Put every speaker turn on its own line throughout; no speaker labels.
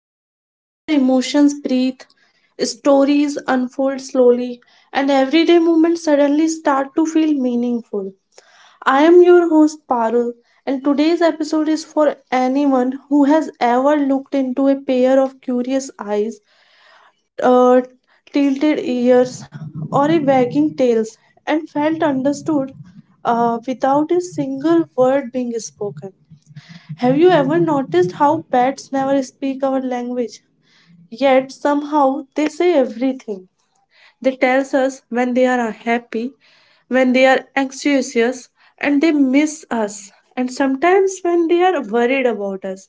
a space where emotions breathe, stories unfold slowly, and everyday moments suddenly start to feel meaningful. I am your host Parul, and today's episode is for anyone who has ever looked into a pair of curious eyes, uh, tilted ears, or a wagging tails and felt understood without a single word being spoken. Have you ever noticed how pets never speak our language? Yet somehow they say everything. They tell us when they are unhappy, when they are anxious, and they miss us, and sometimes when they are worried about us.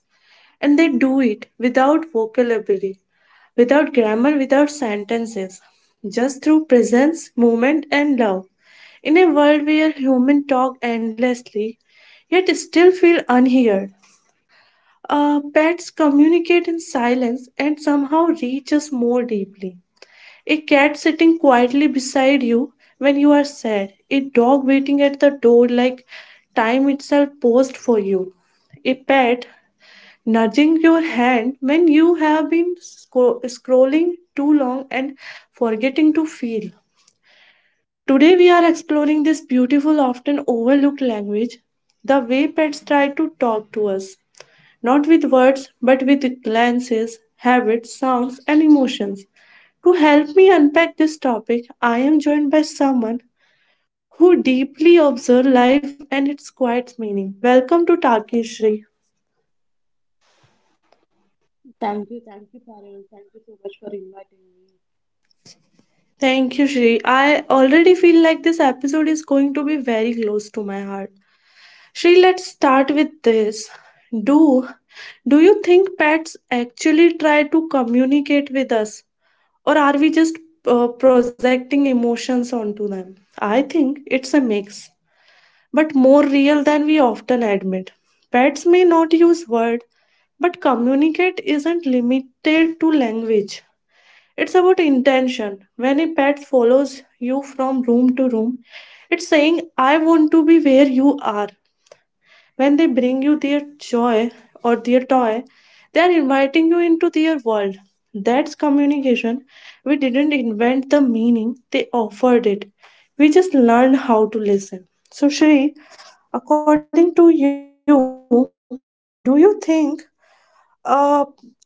And they do it without vocabulary, without grammar, without sentences, just through presence, movement, and love. In a world where humans talk endlessly, yet still feel unheard, pets communicate in silence and somehow reach us more deeply. A cat sitting quietly beside you when you are sad, a dog waiting at the door like time itself paused for you, a pet nudging your hand when you have been scrolling too long and forgetting to feel. Today, we are exploring this beautiful, often overlooked language, the way pets try to talk to us, not with words, but with glances, habits, sounds, and emotions. To help me unpack this topic, I am joined by someone who deeply observes life and its quiet meaning. Welcome to Taki Shri. Thank you, Shri. I already feel like this episode is going to be very close to my heart. Shri, let's start with this. Do do you think pets actually try to communicate with us? Or are we just projecting emotions onto them? I think it's a mix, but more real than we often admit. Pets may not use words, but communicate isn't limited to language. It's about intention. When a pet follows you from room to room, it's saying, I want to be where you are. When they bring you their joy or their toy, they are inviting you into their world. That's communication. We didn't invent the meaning, they offered it. We just learned how to listen. So, Shri, according to you, do you think uh,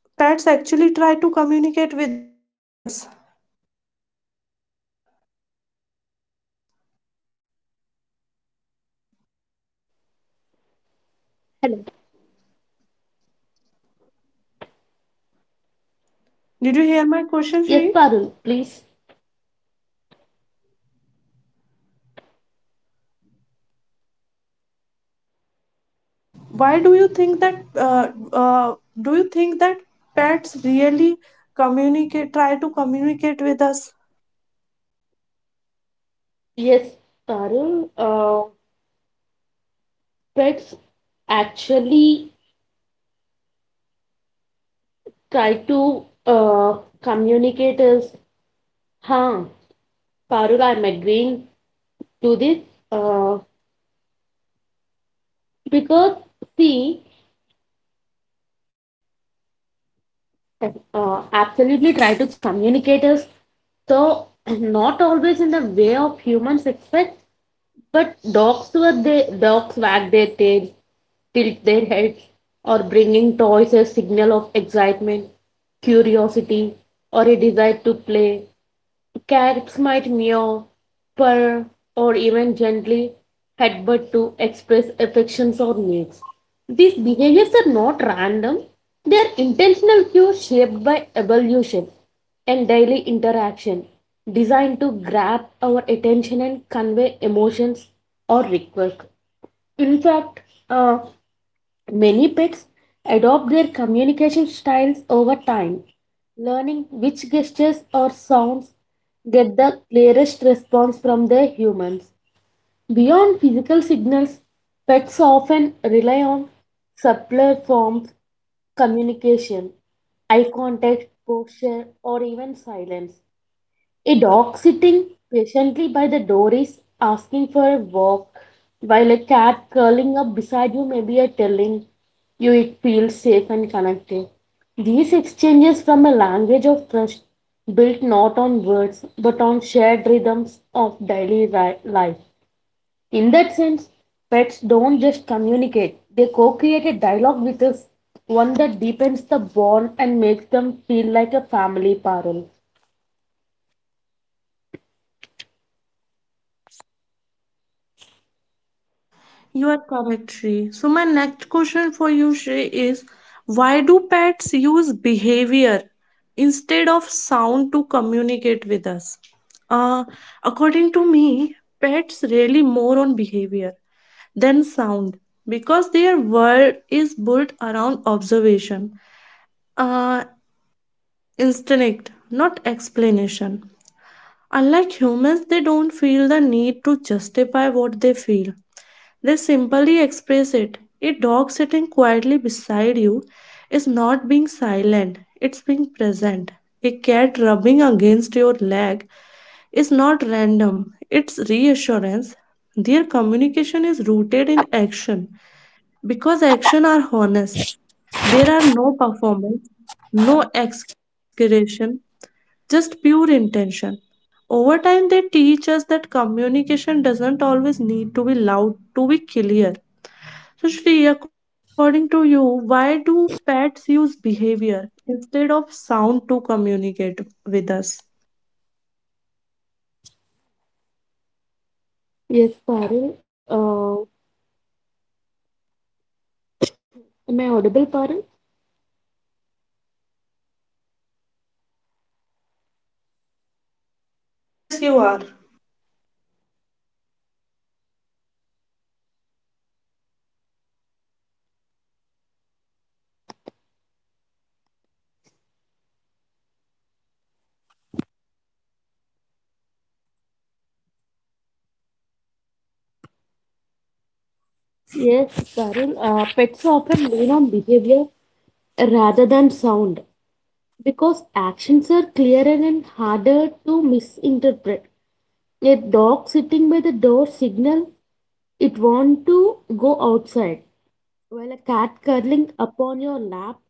pets actually try to communicate with us? Did you hear my question, Shri? Why do you think that? Uh, do you think that pets really communicate? Try to communicate with us?
Yes, Tarun, pets actually try to communicate us, huh? Parul, I'm agreeing to this, uh, because see, absolutely try to communicate us. So not always in the way of humans expect, but dogs were they dogs wag their tails, tilt their heads, or bringing toys as signal of excitement, curiosity, or a desire to play. Cats might meow, purr, or even gently headbutt to express affections or needs. These behaviors are not random, they are intentional cues shaped by evolution and daily interaction, designed to grab our attention and convey emotions or requests. In fact, uh, many pets adopt their communication styles over time, learning which gestures or sounds get the clearest response from their humans. Beyond physical signals, pets often rely on subtler forms communication, eye contact, posture, or even silence. A dog sitting patiently by the door is asking for a walk, while a cat curling up beside you may be a telling you it feels safe and connected. These exchanges from a language of trust built not on words but on shared rhythms of daily life. In that sense, pets don't just communicate, they co create a dialogue with us, one that deepens the bond and makes them feel like a family, Parul.
You are correct, Shri. So, my next question for you, Shri, is why do pets use behavior instead of sound to communicate with us? Uh, According to me, pets rely more on behavior than sound because their world is built around observation, uh, instinct, not explanation. Unlike humans, they don't feel the need to justify what they feel, they simply express it. A dog sitting quietly beside you is not being silent, it's being present. A cat rubbing against your leg is not random, it's reassurance. Their communication is rooted in action because action are honest. There are no performance, no exaggeration, just pure intention. Over time, they teach us that communication doesn't always need to be loud to be clear. So, Shri, according to you, why do pets use behavior instead of sound to communicate with us?
Yes, Parul. Am I audible, Parul?
Yes, you are.
Yes, Parul, pets often lean on behavior rather than sound because actions are clearer and harder to misinterpret. A dog sitting by the door signal it want to go outside, while a cat curling upon your lap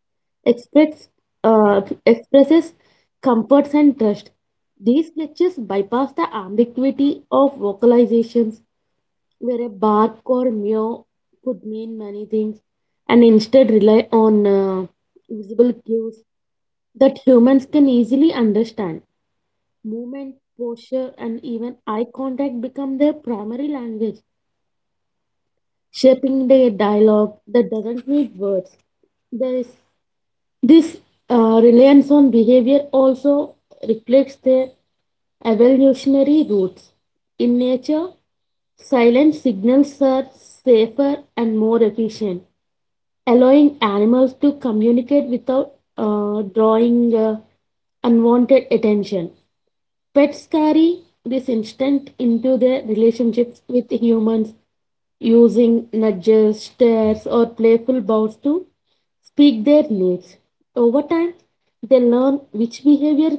express, expresses comforts and trust. These gestures bypass the ambiguity of vocalizations where a bark or meow could mean many things and instead rely on visible cues that humans can easily understand. Movement, posture, and even eye contact become their primary language, shaping their dialogue that doesn't need words. This, this reliance on behavior also reflects their evolutionary roots. In nature, silent signals are safer and more efficient, allowing animals to communicate without drawing unwanted attention. Pets carry this instinct into their relationships with humans, using nudges, stares, or playful bows to speak their needs. Over time, they learn which behavior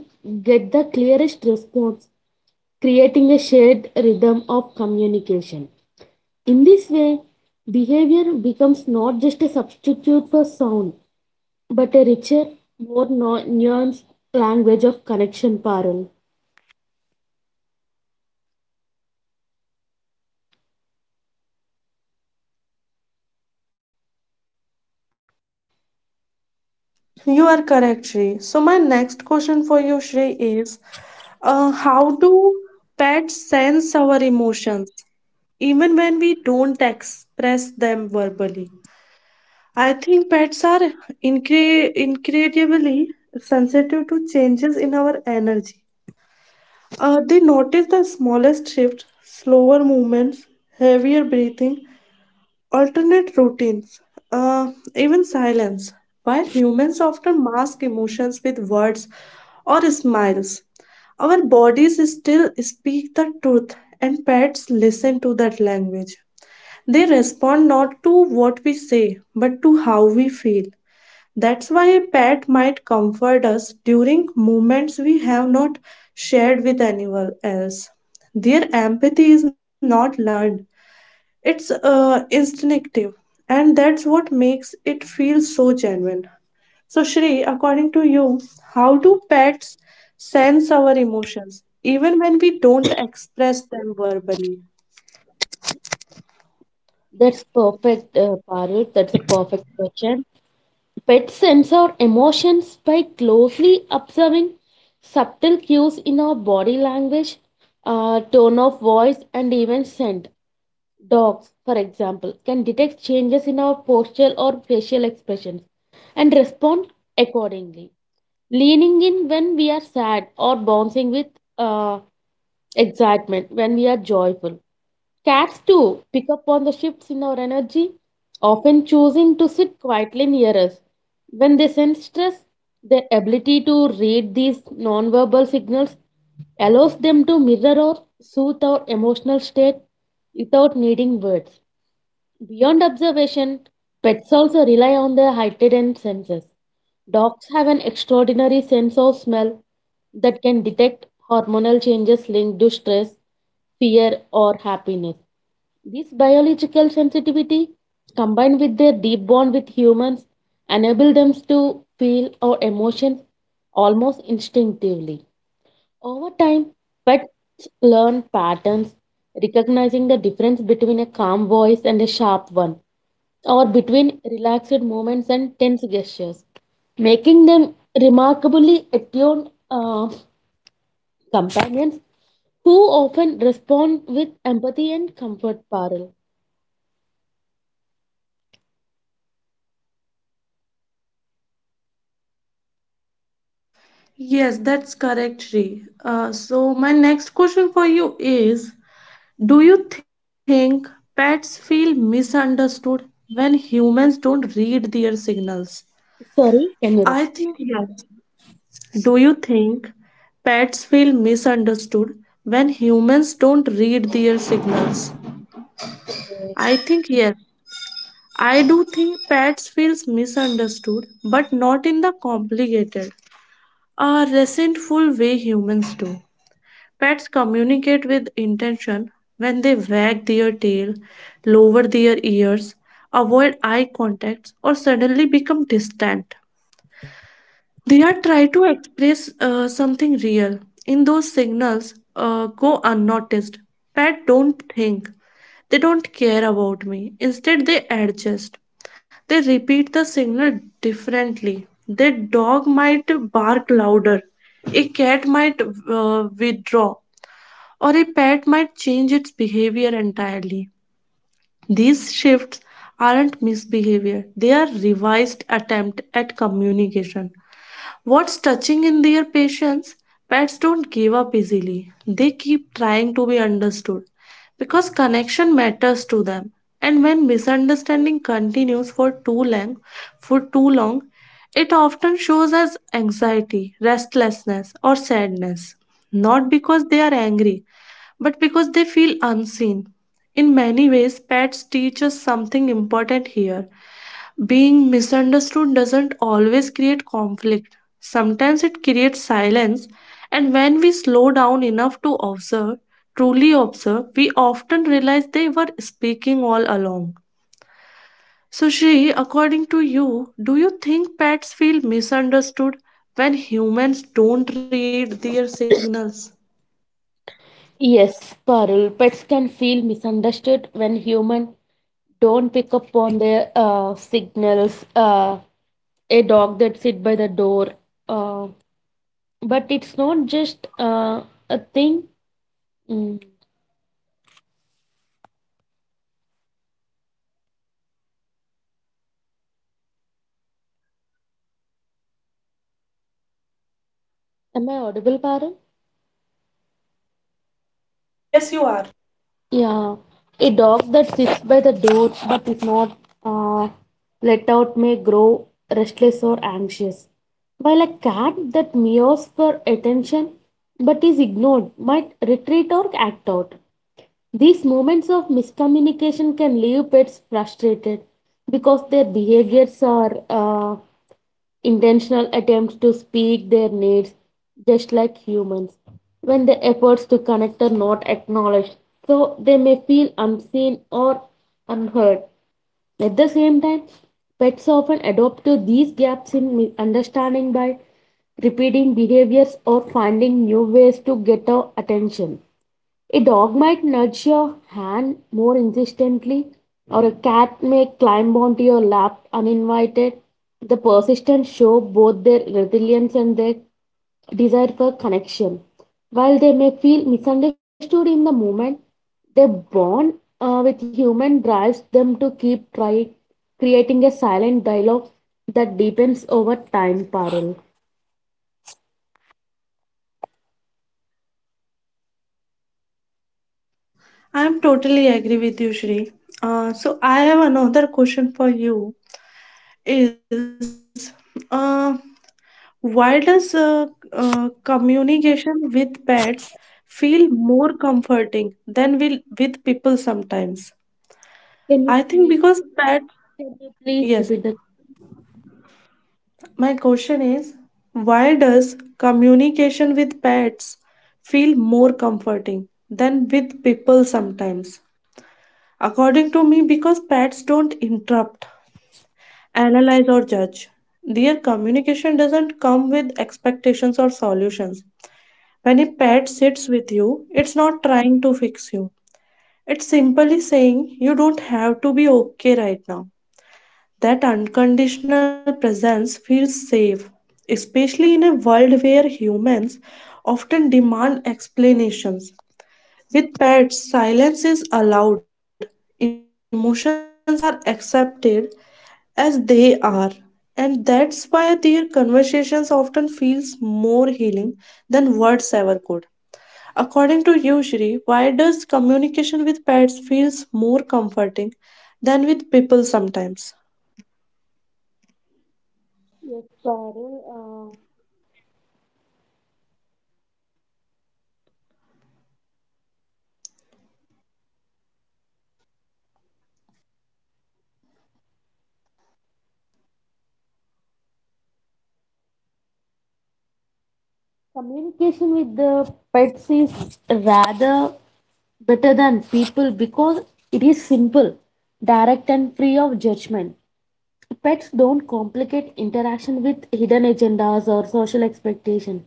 get the clearest response, creating a shared rhythm of communication. In this way, behavior becomes not just a substitute for sound, but a richer, more nuanced language of connection, Parul.
You are correct, Shri. So, my next question for you, Shri, is how do pets sense our emotions even when we don't express them verbally? I think pets are incredibly sensitive to changes in our energy. They notice the smallest shifts, slower movements, heavier breathing, alternate routines, even silence. While humans often mask emotions with words or smiles, our bodies still speak the truth, and pets listen to that language. They respond not to what we say, but to how we feel. That's why a pet might comfort us during moments we have not shared with anyone else. Their empathy is not learned, it's instinctive, and that's what makes it feel so genuine. So, Shri, according to you, how do pets sense our emotions even when we don't express them verbally?
That's perfect, Parul. That's a perfect question. Pets sense our emotions by closely observing subtle cues in our body language, tone of voice, and even scent. Dogs, for example, can detect changes in our postural or facial expressions and respond accordingly. Leaning in when we are sad or bouncing with uh, excitement when we are joyful. Cats too pick up on the shifts in our energy, often choosing to sit quietly near us. When they sense stress, their ability to read these nonverbal signals allows them to mirror or soothe our emotional state without needing words. Beyond observation, pets also rely on their heightened senses. Dogs have an extraordinary sense of smell that can detect hormonal changes linked to stress, fear, or happiness. This biological sensitivity, combined with their deep bond with humans, enable them to feel our emotions almost instinctively. Over time, pets learn patterns, recognizing the difference between a calm voice and a sharp one, or between relaxed movements and tense gestures, making them remarkably attuned companions who often respond with empathy and comfort. Parul.
Yes, that's correct, Shri. So, my next question for you is, do you think pets feel misunderstood when humans don't read their signals?
Sorry, can
I
you
think yes. Do you think pets feel misunderstood when humans don't read their signals?
repeat?
I think yes. I do think pets feels misunderstood, but not in the complicated, resentful way humans do. Pets communicate with intention when they wag their tail, lower their ears, avoid eye contacts, or suddenly become distant. They are trying to express something real. In those signals, go unnoticed. Pet don't think. They don't care about me. Instead, they adjust. They repeat the signal differently. Their dog might bark louder. A cat might withdraw or a pet might change its behavior entirely. These shifts aren't misbehavior, they are revised attempt at communication. What's touching in their patience? Pets don't give up easily. They keep trying to be understood because connection matters to them. And when misunderstanding continues for too long, it often shows as anxiety, restlessness, or sadness. Not because they are angry, but because they feel unseen. In many ways, pets teach us something important here. Being misunderstood doesn't always create conflict, sometimes it creates silence, and when we slow down enough to observe, truly observe, we often realize they were speaking all along. So, Shri, according to you, do you think pets feel misunderstood when humans don't read their signals?
Yes, Parul, pets can feel misunderstood when humans don't pick up on their signals. A dog that sit by the door. Uh, but it's not just a thing. Mm. Am I audible, Parul?
Yes, you are.
Yeah, a dog that sits by the door but is not uh, let out may grow restless or anxious, while a cat that meows for attention but is ignored might retreat or act out. These moments of miscommunication can leave pets frustrated because their behaviors are intentional attempts to speak their needs just like humans when the efforts to connect are not acknowledged, so they may feel unseen or unheard. At the same time, pets often adopt to these gaps in understanding by repeating behaviors or finding new ways to get our attention. A dog might nudge your hand more insistently, or a cat may climb onto your lap uninvited. The persistent show both their resilience and their desire for connection. While they may feel misunderstood in the moment, their bond with human drives them to keep trying, creating a silent dialogue that deepens over time. Parul,
I'm totally agree with you, Shri. So I have another question for you. Is uh, why does communication with pets feel more comforting than will with people sometimes?
can you
I think
please
because pets.
can you please
Yes,
repeat the
my question is, why does communication with pets feel more comforting than with people sometimes? According to me, because pets don't interrupt, analyze, or judge. Their communication doesn't come with expectations or solutions. When a pet sits with you, it's not trying to fix you. It's simply saying you don't have to be okay right now. That unconditional presence feels safe, especially in a world where humans often demand explanations. With pets, silence is allowed, emotions are accepted, as they are. And that's why their conversations often feels more healing than words ever could. According to you, Shri, why does communication with pets feels more comforting than with people sometimes?
Communication with the pets is rather better than people because it is simple, direct, and free of judgment. Pets don't complicate interaction with hidden agendas or social expectation.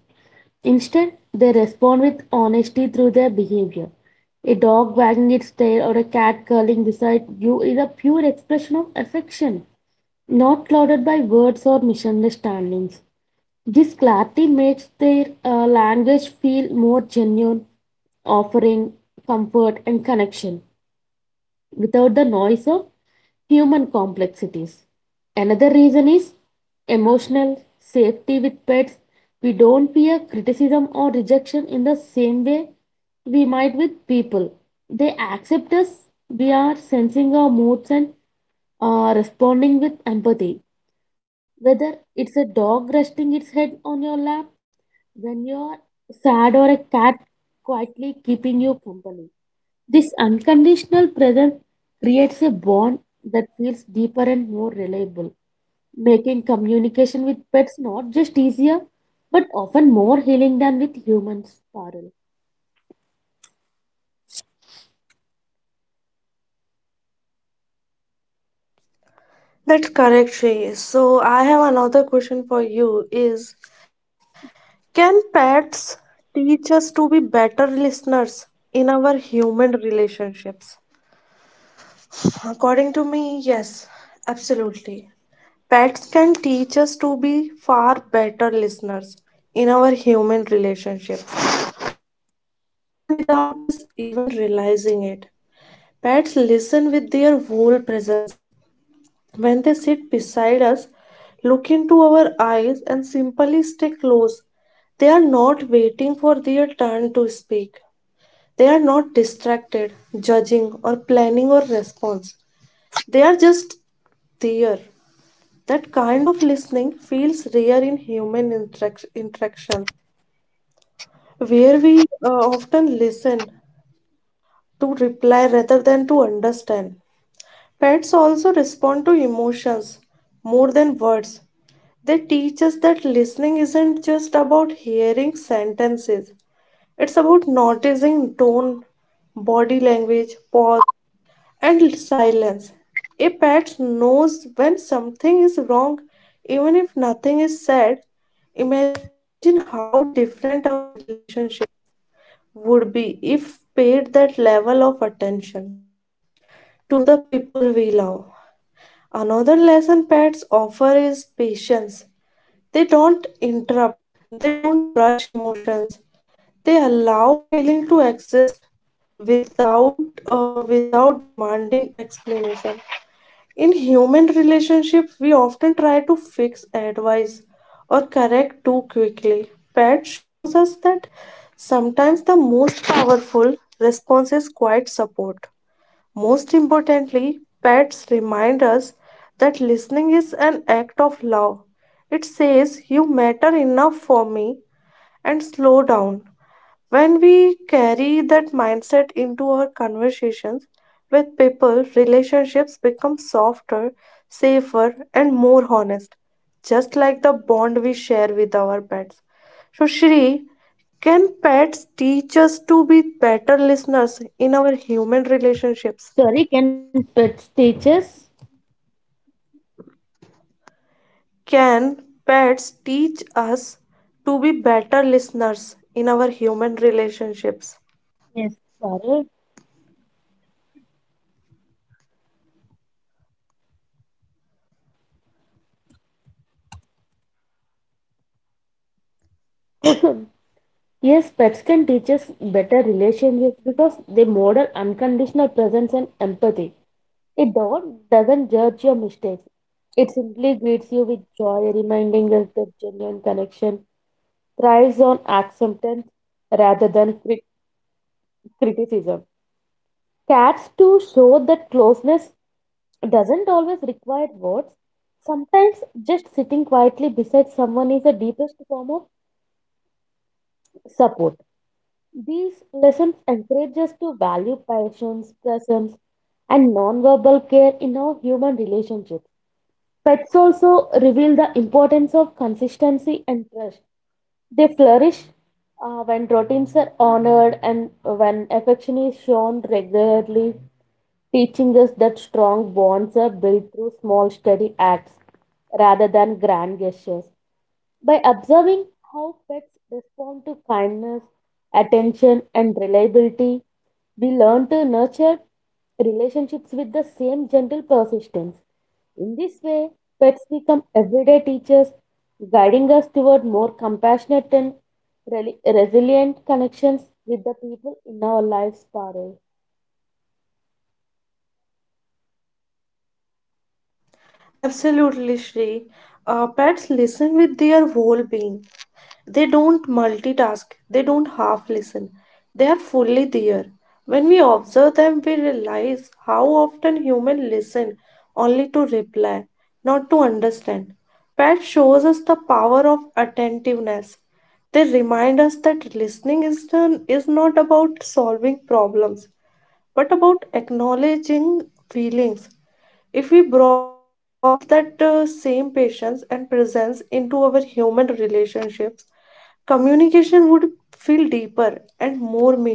Instead, they respond with honesty through their behavior. A dog wagging its tail or a cat curling beside you is a pure expression of affection not clouded by words or misunderstandings. This clarity makes their language feel more genuine, offering comfort and connection without the noise of human complexities. Another reason is emotional safety with pets. We don't fear criticism or rejection in the same way we might with people. They accept us, we are sensing our moods and responding with empathy. Whether it's a dog resting its head on your lap when you're sad or a cat quietly keeping you company. This unconditional presence creates a bond that feels deeper and more reliable, making communication with pets not just easier but often more healing than with humans. Parul.
That's correct, Shrey. So I have another question for you is, can pets teach us to be better listeners in our human relationships? According to me, yes, absolutely. Pets can teach us to be far better listeners in our human relationships, often without us even realizing it. Pets listen with their whole presence. When they sit beside us, look into our eyes, and simply stay close, they are not waiting for their turn to speak. They are not distracted, judging, or planning or response. They are just there. That kind of listening feels rare in human interaction, where we often listen to reply rather than to understand. Pets also respond to emotions more than words. They teach us that listening isn't just about hearing sentences, it's about noticing tone, body language, pause, and silence. A pet knows when something is wrong, even if nothing is said. Imagine how different our relationship would be if paid that level of attention to the people we love. Another lesson pets offer is patience. They don't interrupt, they don't rush emotions. They allow feeling to exist without without demanding explanation. In human relationships, we often try to fix, advise, or correct too quickly. Pet shows us that sometimes the most powerful response is quiet support. Most importantly, pets remind us that listening is an act of love. It says, you matter enough for me, and slow down. When we carry that mindset into our conversations with people, relationships become softer, safer, and more honest, just like the bond we share with our pets. So, Shri, can pets teach us to be better listeners in our human relationships?
Sorry, can pets teach us?
Can pets teach us to be better listeners in our human relationships?
Yes, Parul. Yes, pets can teach us better relationships because they model unconditional presence and empathy. It don't, doesn't judge your mistakes. It simply greets you with joy, reminding us that genuine connection thrives on acceptance rather than criticism. Cats too show that closeness doesn't always require words. Sometimes just sitting quietly beside someone is the deepest form of support. These lessons encourage us to value patience, presence, and non-verbal care in our human relationships. Pets also reveal the importance of consistency and trust. They flourish when routines are honored and when affection is shown regularly, teaching us that strong bonds are built through small, steady acts rather than grand gestures. By observing how pets respond to kindness, attention, and reliability, we learn to nurture relationships with the same gentle persistence. In this way, pets become everyday teachers, guiding us toward more compassionate and resilient connections with the people in our lives, Parul.
Absolutely, Shri. Pets listen with their whole being. They don't multitask, they don't half listen. They are fully there. When we observe them, we realize how often humans listen only to reply, not to understand. Pet shows us the power of attentiveness. They remind us that listening is, done, is not about solving problems, but about acknowledging feelings. If we brought that same patience and presence into our human relationships, communication would feel deeper and more meaningful.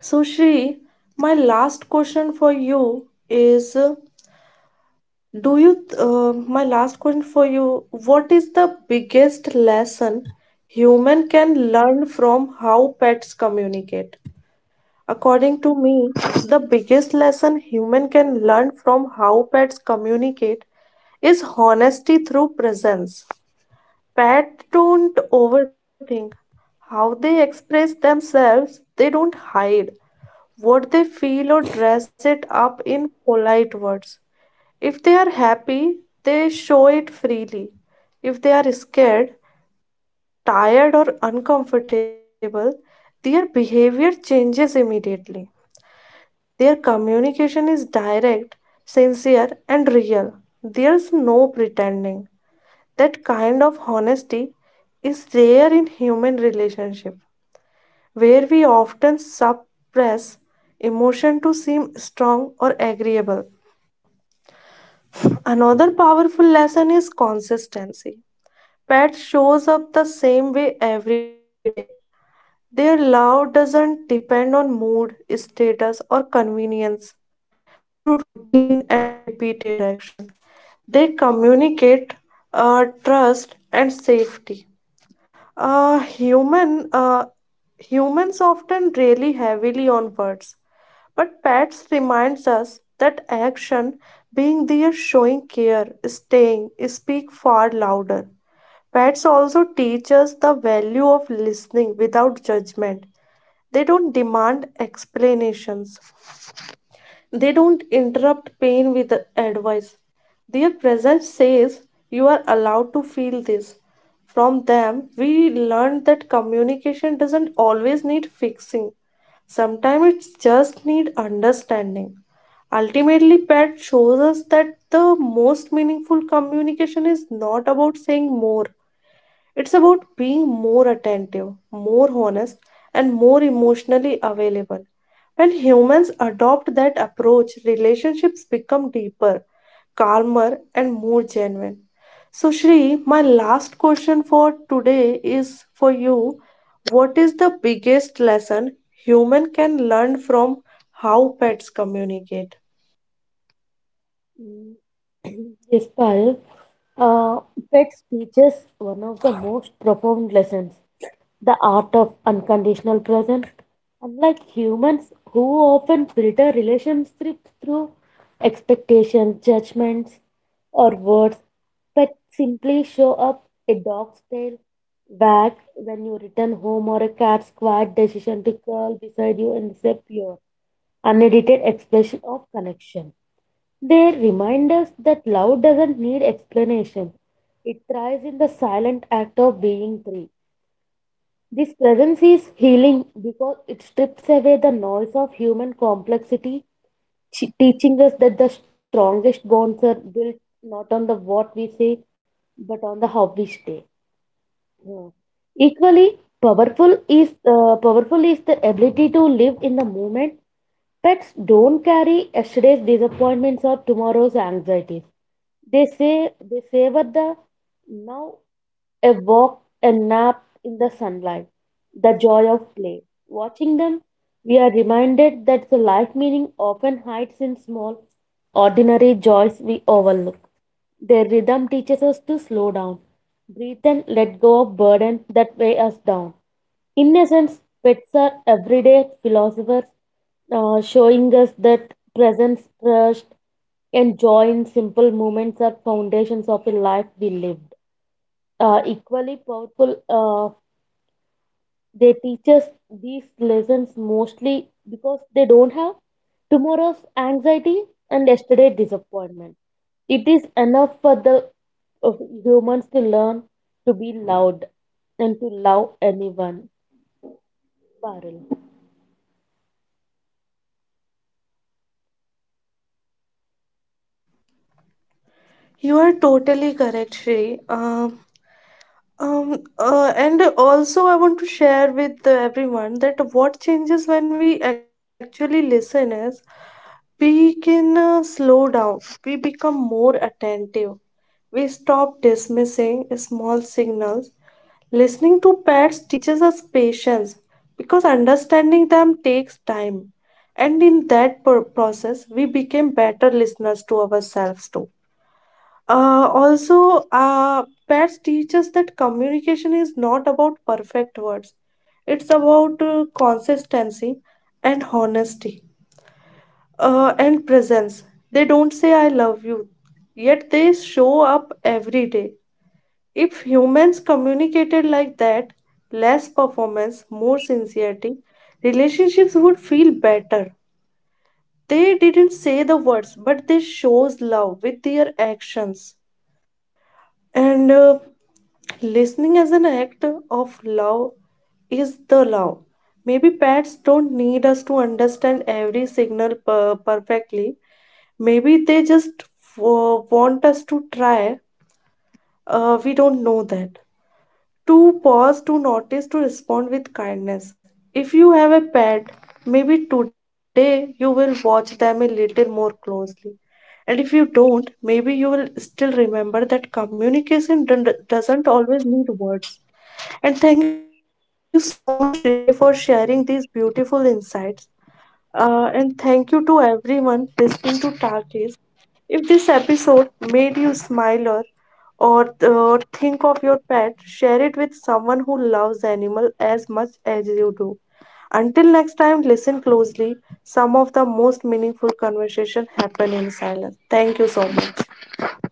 So, Shri, my last question for you is Do you, my last question for you, what is the biggest lesson human can learn from how pets communicate? According to me, the biggest lesson human can learn from how pets communicate is honesty through presence. Pets don't overthink how they express themselves, they don't hide what they feel or dress it up in polite words. If they are happy, they show it freely. If they are scared, tired, or uncomfortable, their behavior changes immediately. Their communication is direct, sincere, and real. There's no pretending. That kind of honesty is rare in human relationship, where we often suppress emotion to seem strong or agreeable. Another powerful lesson is consistency. Pet shows up the same way every day. Their love doesn't depend on mood, status, or convenience, through routine and repeated action. They communicate trust and safety. Uh, human, uh, Humans often rely heavily on words, but pets reminds us that action, being there, showing care, staying, speak far louder. Pets also teach us the value of listening without judgment. They don't demand explanations. They don't interrupt pain with advice. Their presence says, you are allowed to feel this. From them, we learned that communication doesn't always need fixing. Sometimes it just needs understanding. Ultimately, Pat shows us that the most meaningful communication is not about saying more, it's about being more attentive, more honest, and more emotionally available. When humans adopt that approach, relationships become deeper, calmer, and more genuine. So, Shri, my last question for today is for you, what is the biggest lesson human can learn from how pets communicate?
Yes, Parul. Uh, pets teach us one of the most profound lessons. The art of unconditional presence. Unlike humans who often filter relationships through expectations, judgments, or words, pets simply show up a dog's tail wag when you return home or a cat's quiet decision to curl beside you and say pure, unedited expression of connection. They remind us that love doesn't need explanation. It thrives in the silent act of being three. This presence is healing because it strips away the noise of human complexity, teaching us that the strongest bonds are built not on the what we say, but on the how we stay. Yeah. Equally powerful is the ability to live in the moment. Pets don't carry yesterday's disappointments or tomorrow's anxieties. They say they savor the now, a walk, a nap in the sunlight, the joy of play. Watching them, we are reminded that the life meaning often hides in small, ordinary joys we overlook. Their rhythm teaches us to slow down, breathe, and let go of burdens that weigh us down. In essence, pets are everyday philosophers, showing us that presence, trust, and joy in simple moments are foundations of a life we live equally powerful. They teach us these lessons mostly because they don't have tomorrow's anxiety and yesterday disappointment. It is enough for the of humans to learn to be loud and to love anyone. Parul.
You are totally correct, Shri. And also, I want to share with everyone that what changes when we actually listen is, we can slow down, we become more attentive, we stop dismissing small signals. Listening to pets teaches us patience because understanding them takes time, and in that process, we became better listeners to ourselves too. Also, pets teach us that communication is not about perfect words. It's about consistency and honesty and presence. They don't say I love you, yet they show up every day. If humans communicated like that, less performance, more sincerity, relationships would feel better. They didn't say the words, but they shows love with their actions. And Listening as an act of love is the love. Maybe pets don't need us to understand every signal perfectly. Maybe they just want us to try. We don't know that to pause, to notice, to respond with kindness. If you have a pet, maybe today you will watch them a little more closely. And if you don't, maybe you will still remember that communication doesn't always need words. And thank you so much, Shri, for sharing these beautiful insights. And thank you to everyone listening to Tarkis. If this episode made you smile or think of your pet, share it with someone who loves animal as much as you do. Until next time, listen closely. Some of the most meaningful conversation happen in silence. Thank you so much.